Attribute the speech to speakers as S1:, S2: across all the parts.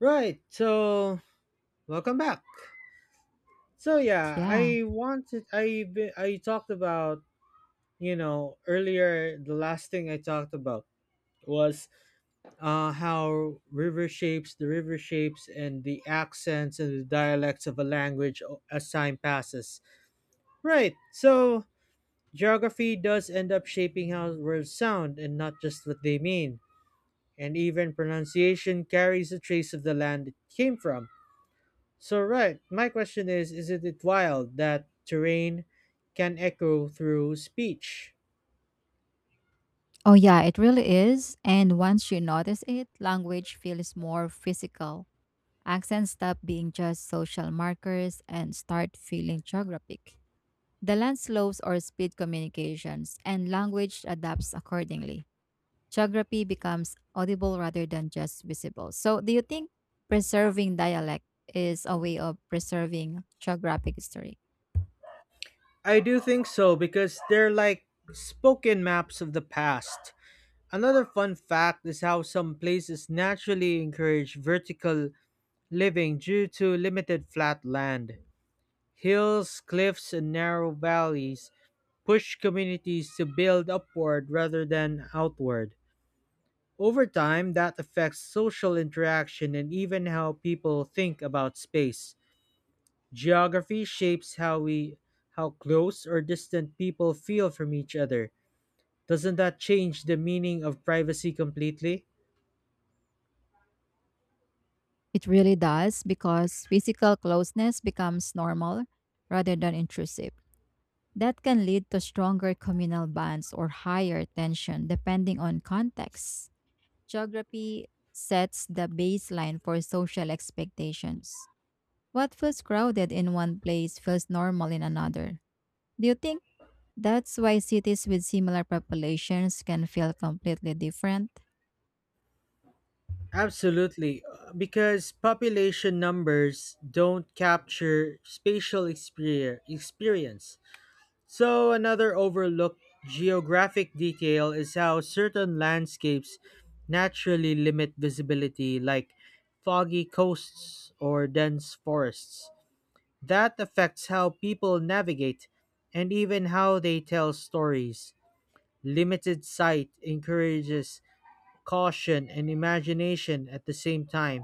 S1: Right. So welcome back. So yeah,
S2: Yeah.
S1: I wanted I be- I talked about earlier. The last thing I talked about was how river shapes and the accents and the dialects of a language as time passes. Right. So geography does end up shaping how words sound and not just what they mean. And even pronunciation carries a trace of the land it came from. So right, my question is, isn't it wild that terrain can echo through speech?
S2: Oh, yeah, it really is. And once you notice it, language feels more physical. Accents stop being just social markers and start feeling geographic. The land slopes or speed communications, and language adapts accordingly. Geography becomes audible rather than just visible. So, do you think preserving dialect is a way of preserving geographic history?
S1: I do think so, because they're like spoken maps of the past. Another fun fact is how some places naturally encourage vertical living due to limited flat land. Hills, cliffs, and narrow valleys push communities to build upward rather than outward. Over time, that affects social interaction and even how people think about space. Geography shapes how close or distant people feel from each other. Doesn't that change the meaning of privacy completely?
S2: It really does because physical closeness becomes normal rather than intrusive. That can lead to stronger communal bonds or higher tension depending on context. Geography sets the baseline for social expectations. What feels crowded in one place feels normal in another. Do you think that's why cities with similar populations can feel completely different?
S1: Absolutely, because population numbers don't capture spatial experience. So, another overlooked geographic detail is how certain landscapes naturally limit visibility, like foggy coasts or dense forests. That affects how people navigate and even how they tell stories. Limited sight encourages caution and imagination at the same time.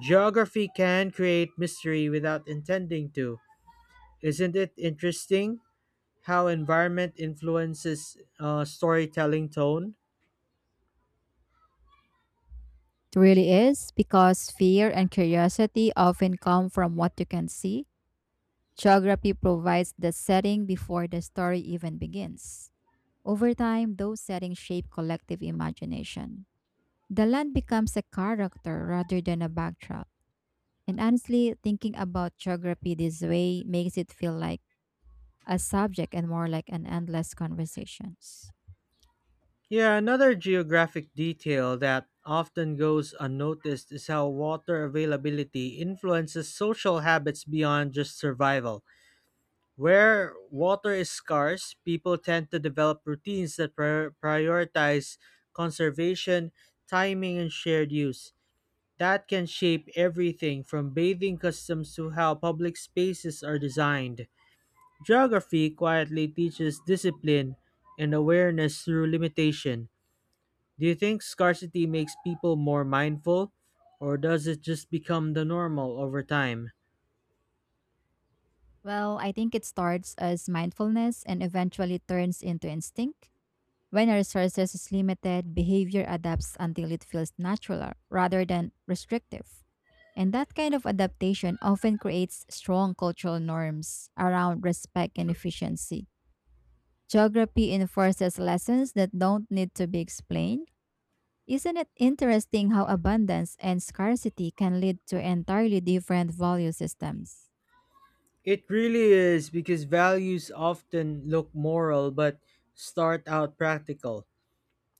S1: Geography can create mystery without intending to. Isn't it interesting how environment influences storytelling tone?
S2: It really is because fear and curiosity often come from what you can see. Geography provides the setting before the story even begins. Over time, those settings shape collective imagination. The land becomes a character rather than a backdrop. And honestly, thinking about geography this way makes it feel like a subject and more like an endless conversations.
S1: Yeah, another geographic detail that often goes unnoticed is how water availability influences social habits beyond just survival. Where water is scarce, people tend to develop routines that prioritize conservation, timing, and shared use. That can shape everything from bathing customs to how public spaces are designed. Geography quietly teaches discipline and awareness through limitation. Do you think scarcity makes people more mindful, or does it just become the normal over time?
S2: Well, I think it starts as mindfulness and eventually turns into instinct. When a resources is limited, behavior adapts until it feels natural rather than restrictive. And that kind of adaptation often creates strong cultural norms around respect and efficiency. Geography enforces lessons that don't need to be explained. Isn't it interesting how abundance and scarcity can lead to entirely different value systems?
S1: It really is, because values often look moral but start out practical.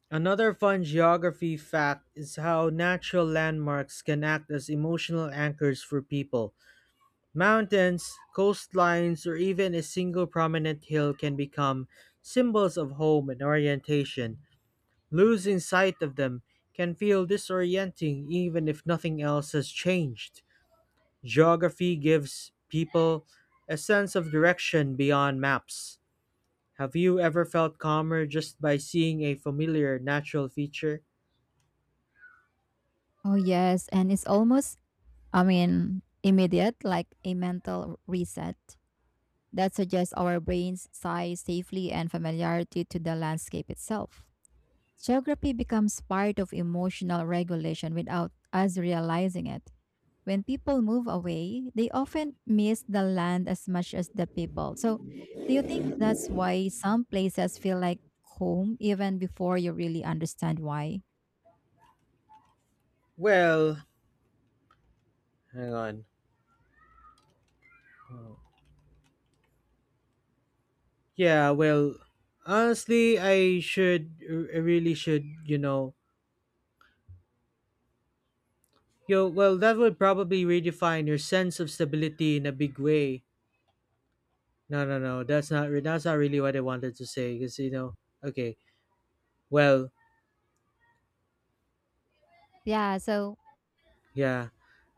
S1: Another fun geography fact is how natural landmarks can act as emotional anchors for people. Mountains, coastlines, or even a single prominent hill can become symbols of home and orientation. Losing sight of them can feel disorienting even if nothing else has changed. Geography gives people a sense of direction beyond maps. Have you ever felt calmer just by seeing a familiar natural feature?
S2: Oh, yes, and it's almost, immediate, like a mental reset. That suggests our brains size safely and familiarity to the landscape itself. Geography becomes part of emotional regulation without us realizing it. When people move away, they often miss the land as much as the people. So, do you think that's why some places feel like home even before you really understand why?
S1: Well, hang on. Yeah, well, honestly, I really should, Yo, well, that would probably redefine your sense of stability in a big way. No, no, no. That's not. That's not really what I wanted to say. Because you know. Okay. Well.
S2: Yeah, so
S1: Yeah.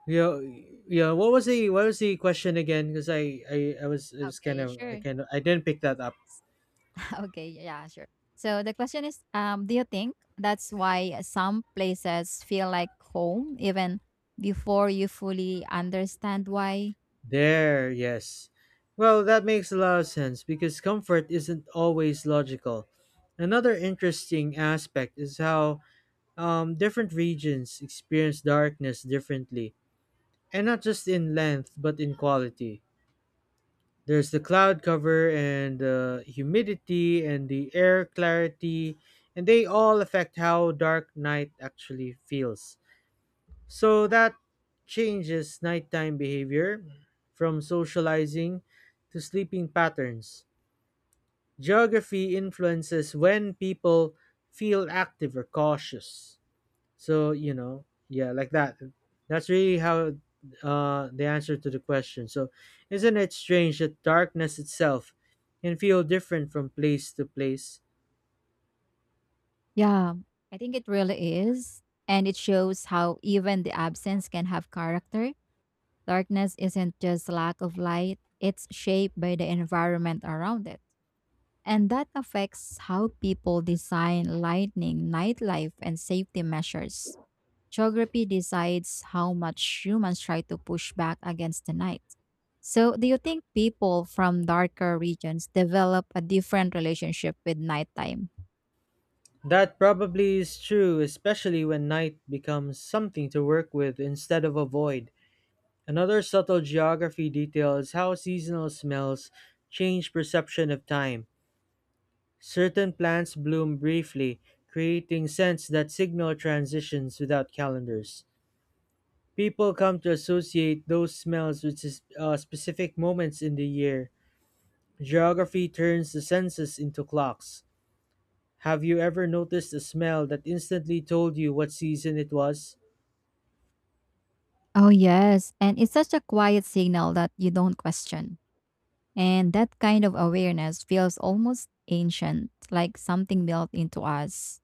S1: Yo. Yeah. What was the question again? Because I. I. was. It was kind
S2: okay,
S1: of. I
S2: sure.
S1: kind of. I didn't pick that up.
S2: Okay, yeah, sure. So the question is, do you think that's why some places feel like home even before you fully understand why?
S1: There. Yes. Well, that makes a lot of sense because comfort isn't always logical. Another interesting aspect is how different regions experience darkness differently, and not just in length, but in quality. There's the cloud cover and the humidity and the air clarity, and they all affect how dark night actually feels. So that changes nighttime behavior from socializing to sleeping patterns. Geography influences when people feel active or cautious. So yeah, like that. That's really how the answer to the question. So, isn't it strange that darkness itself can feel different from place to place?
S2: Yeah, I think it really is. And it shows how even the absence can have character. Darkness isn't just lack of light, it's shaped by the environment around it. And that affects how people design lighting, nightlife, and safety measures. Geography decides how much humans try to push back against the night. So, do you think people from darker regions develop a different relationship with nighttime?
S1: That probably is true, especially when night becomes something to work with instead of avoid. Another subtle geography detail is how seasonal smells change perception of time. Certain plants bloom briefly, creating scents that signal transitions without calendars. People come to associate those smells with specific moments in the year. Geography turns the senses into clocks. Have you ever noticed a smell that instantly told you what season it was?
S2: Oh, yes. And it's such a quiet signal that you don't question. And that kind of awareness feels almost ancient, like something built into us.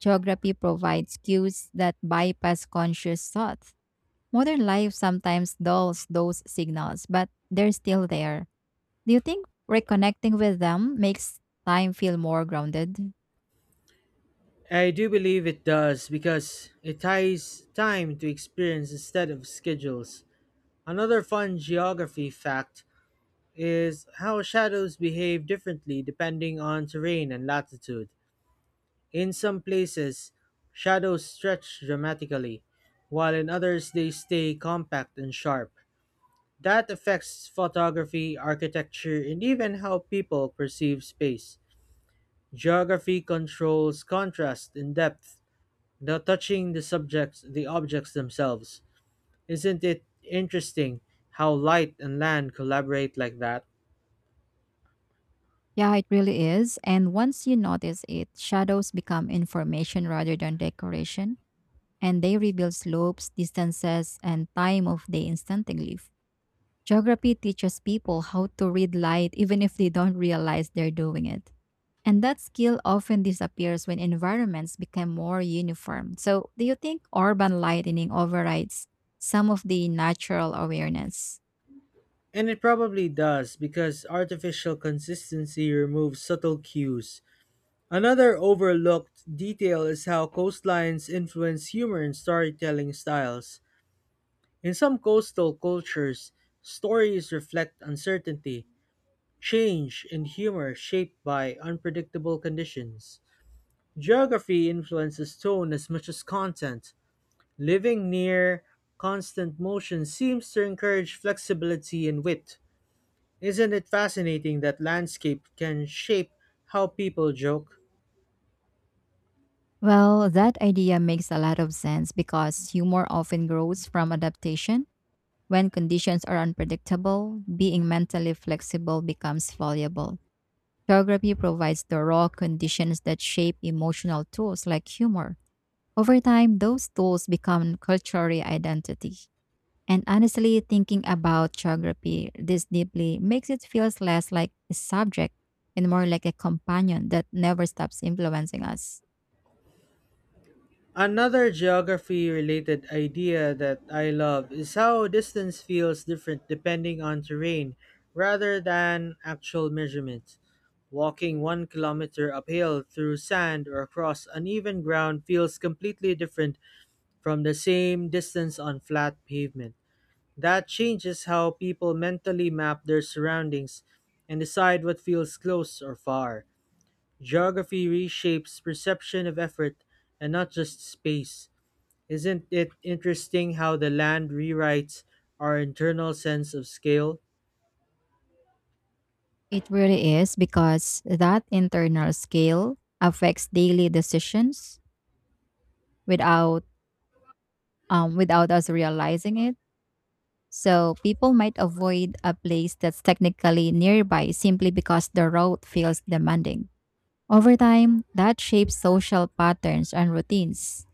S2: Geography provides cues that bypass conscious thought. Modern life sometimes dulls those signals, but they're still there. Do you think reconnecting with them makes time feel more grounded?
S1: I do believe it does, because it ties time to experience instead of schedules. Another fun geography fact is how shadows behave differently depending on terrain and latitude. In some places, shadows stretch dramatically, while in others they stay compact and sharp. That affects photography, architecture, and even how people perceive space. Geography controls contrast and depth without touching the objects themselves. Isn't it interesting how light and land collaborate like that?
S2: Yeah, it really is. And once you notice it, shadows become information rather than decoration, and they reveal slopes, distances, and time of day instantly. Geography teaches people how to read light even if they don't realize they're doing it. And that skill often disappears when environments become more uniform. So, do you think urban lightning overrides some of the natural awareness?
S1: And it probably does, because artificial consistency removes subtle cues. Another overlooked detail is how coastlines influence humor and storytelling styles. In some coastal cultures, stories reflect uncertainty, change, and humor shaped by unpredictable conditions. Geography influences tone as much as content. Living near constant motion seems to encourage flexibility and wit. Isn't it fascinating that landscape can shape how people joke?
S2: Well, that idea makes a lot of sense because humor often grows from adaptation. When conditions are unpredictable, being mentally flexible becomes valuable. Geography provides the raw conditions that shape emotional tools like humor. Over time, those tools become cultural identity. And honestly, thinking about geography this deeply makes it feel less like a subject and more like a companion that never stops influencing us.
S1: Another geography related idea that I love is how distance feels different depending on terrain rather than actual measurements. Walking 1 kilometer uphill through sand or across uneven ground feels completely different from the same distance on flat pavement. That changes how people mentally map their surroundings and decide what feels close or far. Geography reshapes perception of effort and not just space. Isn't it interesting how the land rewrites our internal sense of scale?
S2: It really is because that internal scale affects daily decisions without without us realizing it. So people might avoid a place that's technically nearby simply because the road feels demanding. Over time, that shapes social patterns and routines.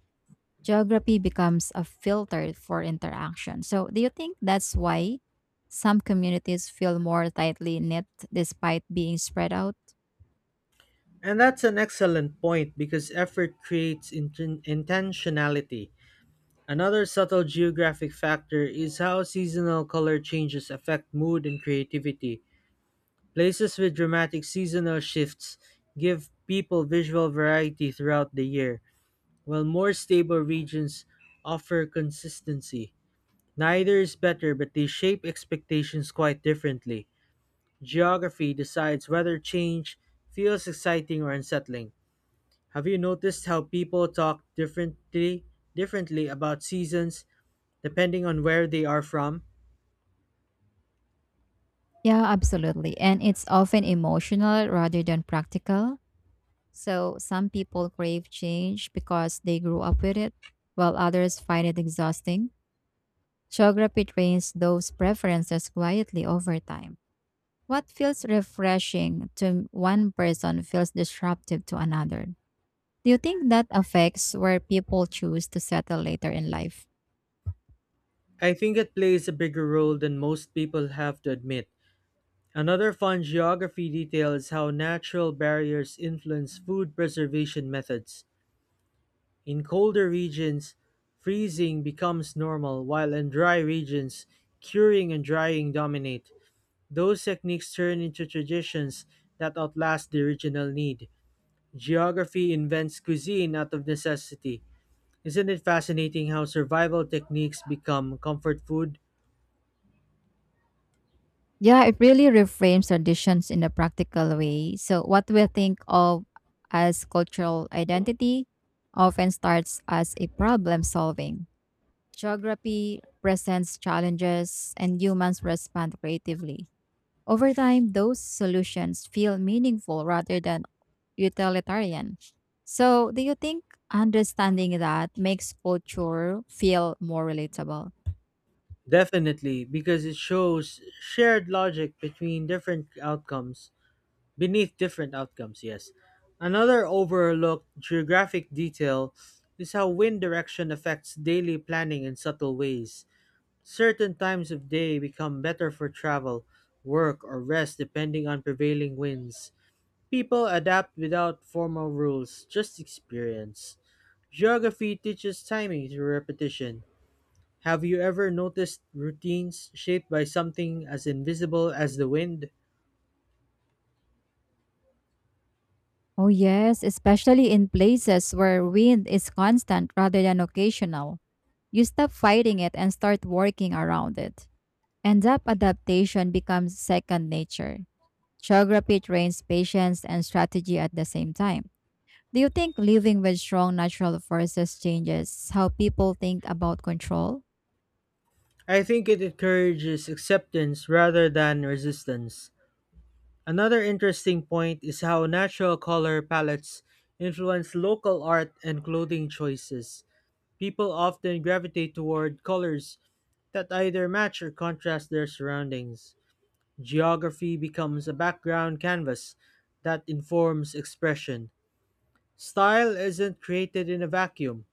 S2: Geography becomes a filter for interaction. So do you think that's why some communities feel more tightly knit despite being spread out?
S1: And that's an excellent point, because effort creates intentionality. Another subtle geographic factor is how seasonal color changes affect mood and creativity. Places with dramatic seasonal shifts give people visual variety throughout the year, while more stable regions offer consistency. Neither is better, but they shape expectations quite differently. Geography decides whether change feels exciting or unsettling. Have you noticed how people talk differently about seasons depending on where they are from?
S2: Yeah, absolutely. And it's often emotional rather than practical. So some people crave change because they grew up with it, while others find it exhausting. Geography trains those preferences quietly over time. What feels refreshing to one person feels disruptive to another. Do you think that affects where people choose to settle later in life?
S1: I think it plays a bigger role than most people have to admit. Another fun geography detail is how natural barriers influence food preservation methods. In colder regions, freezing becomes normal, while in dry regions, curing and drying dominate. Those techniques turn into traditions that outlast the original need. Geography invents cuisine out of necessity. Isn't it fascinating how survival techniques become comfort food?
S2: Yeah, it really reframes traditions in a practical way. So, what we think of as cultural identity often starts as a problem solving. Geography presents challenges, and humans respond creatively. Over time, those solutions feel meaningful rather than utilitarian. So, do you think understanding that makes culture feel more relatable?
S1: Definitely, because it shows shared logic between beneath different outcomes, yes. Another overlooked geographic detail is how wind direction affects daily planning in subtle ways. Certain times of day become better for travel, work, or rest depending on prevailing winds. People adapt without formal rules, just experience. Geography teaches timing through repetition. Have you ever noticed routines shaped by something as invisible as the wind?
S2: Oh, yes, especially in places where wind is constant rather than occasional. You stop fighting it and start working around it. And that adaptation becomes second nature. Geography trains patience and strategy at the same time. Do you think living with strong natural forces changes how people think about control?
S1: I think it encourages acceptance rather than resistance. Another interesting point is how natural color palettes influence local art and clothing choices. People often gravitate toward colors that either match or contrast their surroundings. Geography becomes a background canvas that informs expression. Style isn't created in a vacuum.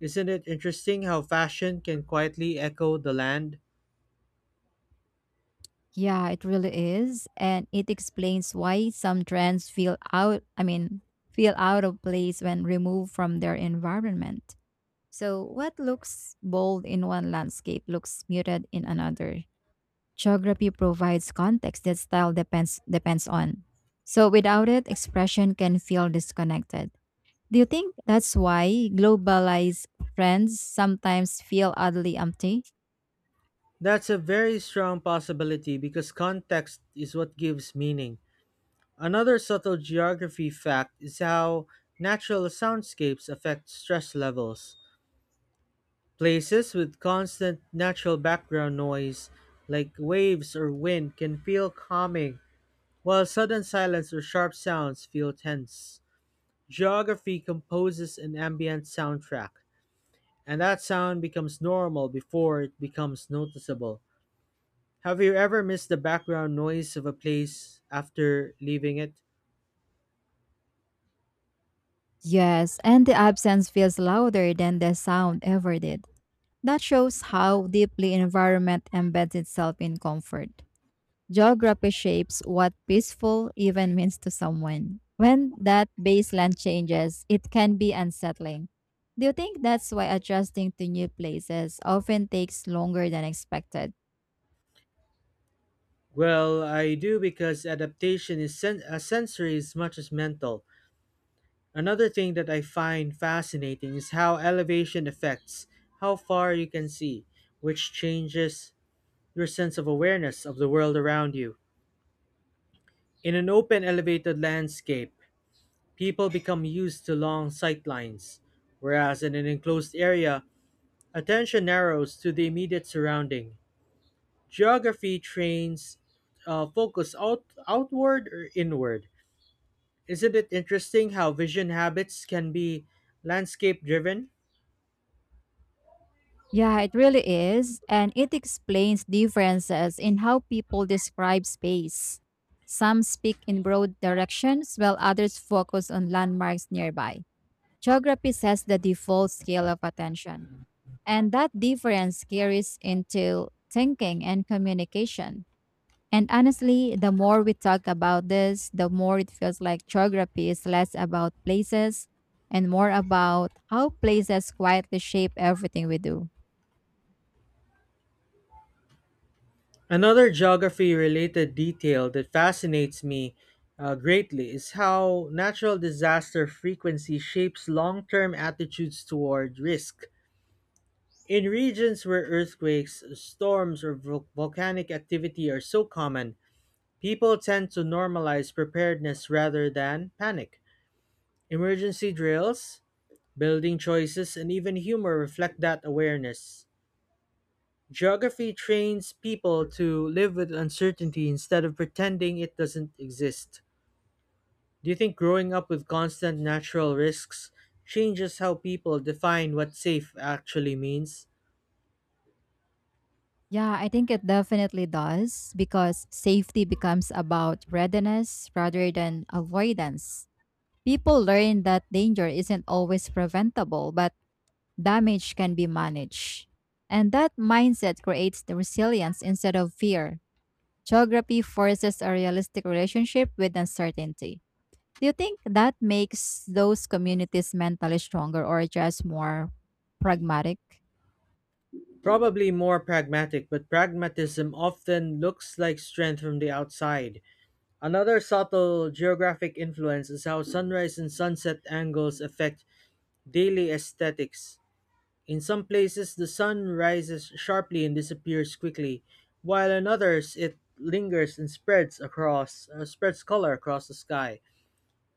S1: Isn't it interesting how fashion can quietly echo the land?
S2: Yeah, it really is. And it explains why some trends feel out of place when removed from their environment. So, what looks bold in one landscape looks muted in another. Geography provides context that style depends on. So, without it, expression can feel disconnected. Do you think that's why globalized friends sometimes feel oddly empty?
S1: That's a very strong possibility, because context is what gives meaning. Another subtle geography fact is how natural soundscapes affect stress levels. Places with constant natural background noise, like waves or wind, can feel calming, while sudden silence or sharp sounds feel tense. Geography composes an ambient soundtrack, and that sound becomes normal before it becomes noticeable. Have you ever missed the background noise of a place after leaving it?
S2: Yes, and the absence feels louder than the sound ever did. That shows how deeply environment embeds itself in comfort. Geography shapes what peaceful even means to someone. When that baseline changes, it can be unsettling. Do you think that's why adjusting to new places often takes longer than expected?
S1: Well, I do, because adaptation is sensory as much as mental. Another thing that I find fascinating is how elevation affects how far you can see, which changes your sense of awareness of the world around you. In an open elevated landscape, people become used to long sightlines, whereas in an enclosed area, attention narrows to the immediate surrounding. Geography trains focus outward or inward. Isn't it interesting how vision habits can be landscape driven?
S2: Yeah, it really is, and it explains differences in how people describe space. Some speak in broad directions while others focus on landmarks nearby. Geography sets the default scale of attention. And that difference carries into thinking and communication. And honestly, the more we talk about this, the more it feels like geography is less about places and more about how places quietly shape everything we do.
S1: Another geography related detail that fascinates me greatly is how natural disaster frequency shapes long term attitudes toward risk. In regions where earthquakes, storms, or volcanic activity are so common, people tend to normalize preparedness rather than panic. Emergency drills, building choices, and even humor reflect that awareness. Geography trains people to live with uncertainty instead of pretending it doesn't exist. Do you think growing up with constant natural risks changes how people define what safe actually means?
S2: Yeah, I think it definitely does because safety becomes about readiness rather than avoidance. People learn that danger isn't always preventable, but damage can be managed. And that mindset creates the resilience instead of fear. Geography forces a realistic relationship with uncertainty. Do you think that makes those communities mentally stronger or just more pragmatic?
S1: Probably more pragmatic, but pragmatism often looks like strength from the outside. Another subtle geographic influence is how sunrise and sunset angles affect daily aesthetics. In some places, the sun rises sharply and disappears quickly, while in others it lingers and spreads color across the sky.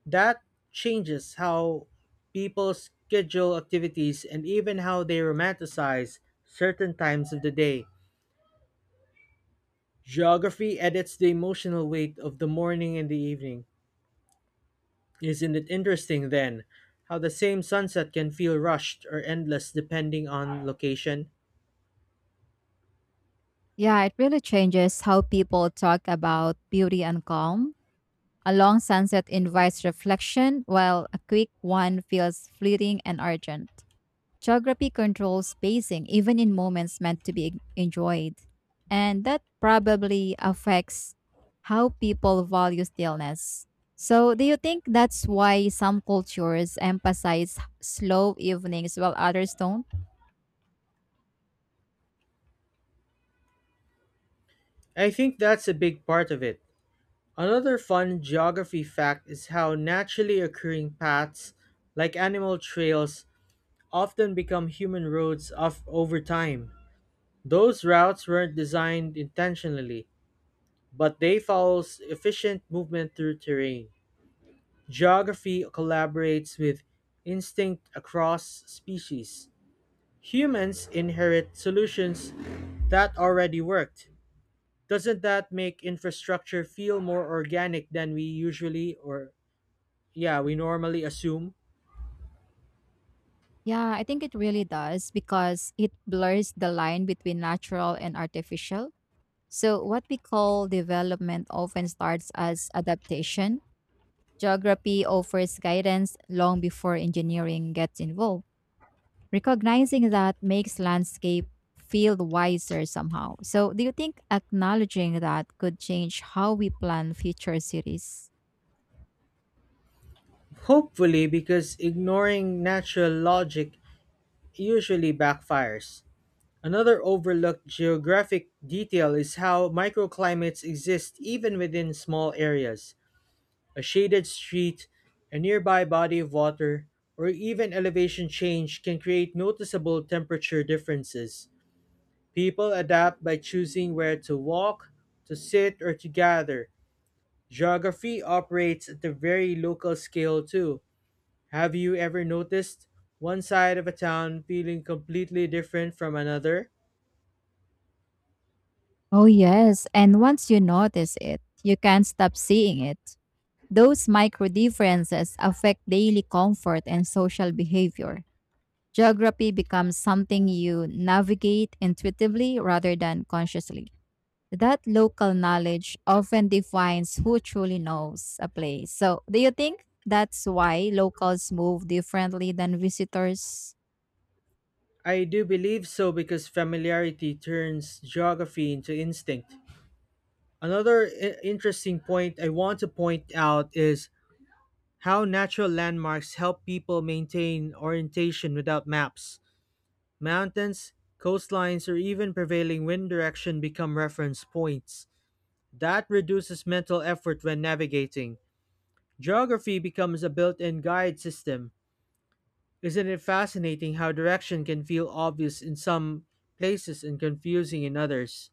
S1: That changes how people schedule activities and even how they romanticize certain times of the day. Geography edits the emotional weight of the morning and the evening. Isn't it interesting then how the same sunset can feel rushed or endless depending on location?
S2: Yeah, it really changes how people talk about beauty and calm. A long sunset invites reflection, while a quick one feels fleeting and urgent. Geography controls pacing even in moments meant to be enjoyed. And that probably affects how people value stillness. So, do you think that's why some cultures emphasize slow evenings while others don't?
S1: I think that's a big part of it. Another fun geography fact is how naturally occurring paths, like animal trails, often become human roads of, over time. Those routes weren't designed intentionally, but they follow efficient movement through terrain. Geography collaborates with instinct across species. Humans inherit solutions that already worked. Doesn't that make infrastructure feel more organic than we usually or yeah, we normally assume?
S2: Yeah, I think it really does because it blurs the line between natural and artificial. So, what we call development often starts as adaptation. Geography offers guidance long before engineering gets involved. Recognizing that makes landscape feel wiser somehow. So, do you think acknowledging that could change how we plan future cities?
S1: Hopefully, because ignoring natural logic usually backfires. Another overlooked geographic detail is how microclimates exist even within small areas. A shaded street, a nearby body of water, or even elevation change can create noticeable temperature differences. People adapt by choosing where to walk, to sit, or to gather. Geography operates at a very local scale too. Have you ever noticed one side of a town feeling completely different from another?
S2: Oh, yes. And once you notice it, you can't stop seeing it. Those micro differences affect daily comfort and social behavior. Geography becomes something you navigate intuitively rather than consciously. That local knowledge often defines who truly knows a place. So, do you think that's why locals move differently than visitors?
S1: I do believe so because familiarity turns geography into instinct. Another interesting point I want to point out is how natural landmarks help people maintain orientation without maps. Mountains, coastlines, or even prevailing wind direction become reference points. That reduces mental effort when navigating. Geography becomes a built in guide system. Isn't it fascinating how direction can feel obvious in some places and confusing in others?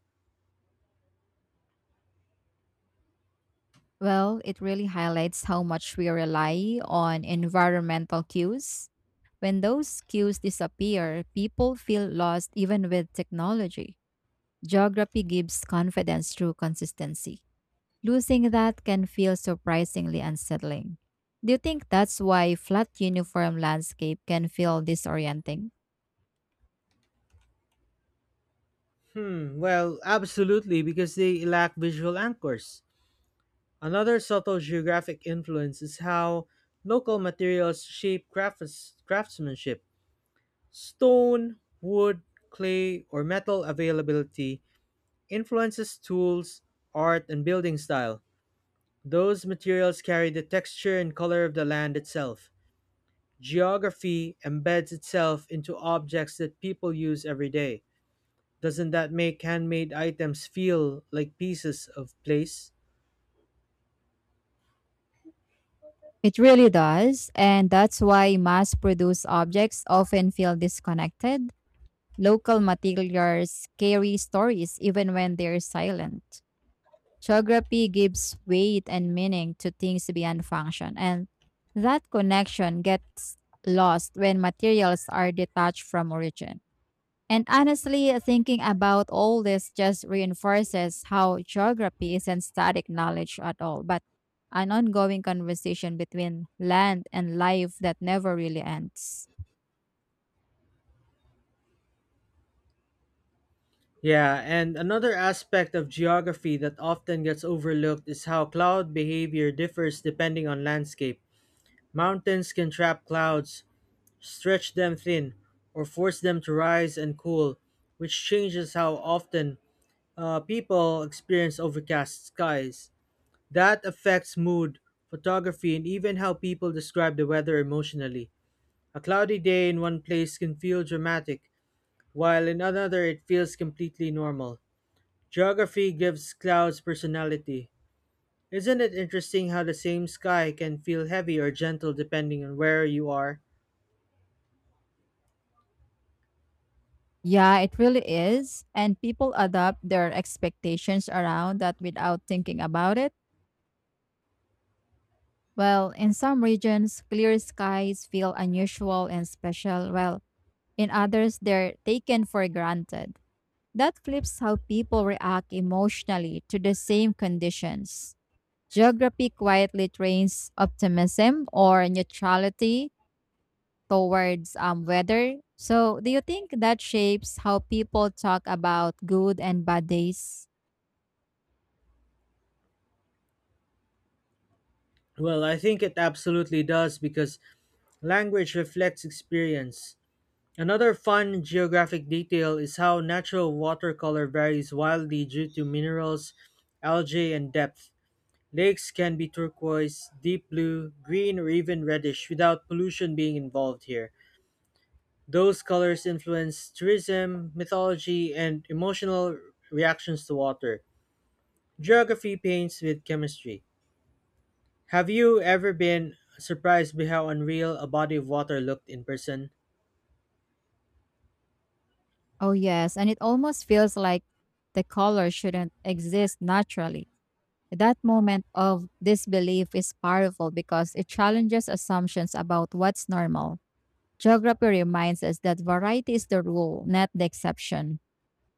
S2: Well, it really highlights how much we rely on environmental cues. When those cues disappear, people feel lost even with technology. Geography gives confidence through consistency. Losing that can feel surprisingly unsettling. Do you think that's why flat uniform landscape can feel disorienting?
S1: Hmm, well, absolutely, because they lack visual anchors. Another subtle geographic influence is how local materials shape craftsmanship. Stone, wood, clay, or metal availability influences tools, art, and building style. Those materials carry the texture and color of the land itself. Geography embeds itself into objects that people use every day. Doesn't that make handmade items feel like pieces of place?
S2: It really does, and that's why mass-produced objects often feel disconnected. Local materials carry stories even when they're silent. Geography gives weight and meaning to things beyond function, and that connection gets lost when materials are detached from origin. And honestly, thinking about all this just reinforces how geography isn't static knowledge at all, but an ongoing conversation between land and life that never really ends.
S1: Yeah, and another aspect of geography that often gets overlooked is how cloud behavior differs depending on landscape. Mountains can trap clouds, stretch them thin, or force them to rise and cool, which changes how often people experience overcast skies. That affects mood, photography, and even how people describe the weather emotionally. A cloudy day in one place can feel dramatic, while in another it feels completely normal. Geography gives clouds personality. Isn't it interesting how the same sky can feel heavy or gentle depending on where you are?
S2: Yeah, it really is. And people adapt their expectations around that without thinking about it. Well, in some regions, clear skies feel unusual and special, while in others, they're taken for granted. That flips how people react emotionally to the same conditions. Geography quietly trains optimism or neutrality towards weather. So, do you think that shapes how people talk about good and bad days?
S1: Well, I think it absolutely does because language reflects experience. Another fun geographic detail is how natural watercolor varies wildly due to minerals, algae, and depth. Lakes can be turquoise, deep blue, green, or even reddish without pollution being involved here. Those colors influence tourism, mythology, and emotional reactions to water. Geography paints with chemistry. Have you ever been surprised by how unreal a body of water looked in person?
S2: Oh, yes. And it almost feels like the color shouldn't exist naturally. That moment of disbelief is powerful because it challenges assumptions about what's normal. Geography reminds us that variety is the rule, not the exception.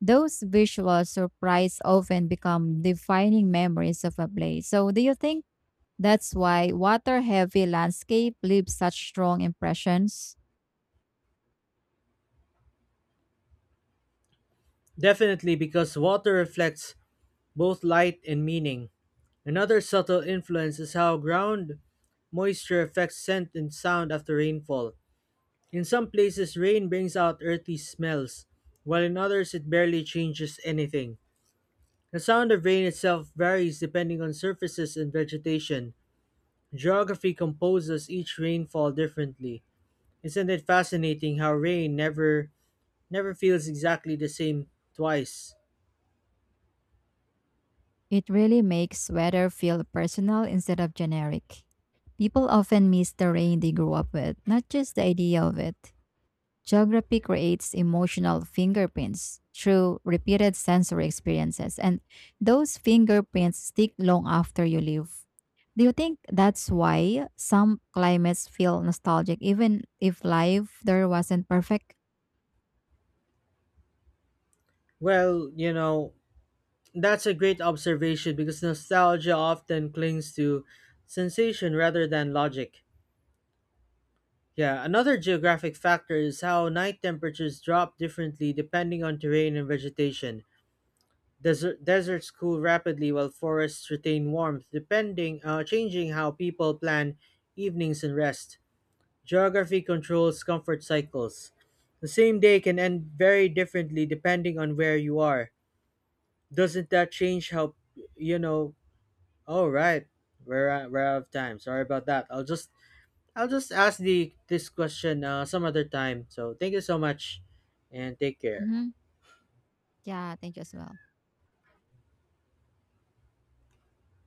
S2: Those visual surprises often become defining memories of a place. So, do you think that's why water heavy landscape leave such strong impressions?
S1: Definitely, because water reflects both light and meaning. Another subtle influence is how ground moisture affects scent and sound after rainfall. In some places, rain brings out earthy smells, while in others, it barely changes anything. The sound of rain itself varies depending on surfaces and vegetation. Geography composes each rainfall differently. Isn't it fascinating how rain never feels exactly the same twice?
S2: It really makes weather feel personal instead of generic. People often miss the rain they grew up with, not just the idea of it. Geography creates emotional fingerprints through repeated sensory experiences, and those fingerprints stick long after you leave. Do you think that's why some climates feel nostalgic, even if life there wasn't perfect?
S1: Well, you know, that's a great observation because nostalgia often clings to sensation rather than logic. Yeah, another geographic factor is how night temperatures drop differently depending on terrain and vegetation. Deserts cool rapidly while forests retain warmth, depending changing how people plan evenings and rest. Geography controls comfort cycles. The same day can end very differently depending on where you are. Doesn't that change how, you know, alright, we're out of time. Sorry about that. I'll just ask the this question some other time. So thank you so much, and take care.
S2: Hmm. Yeah, thank you as well.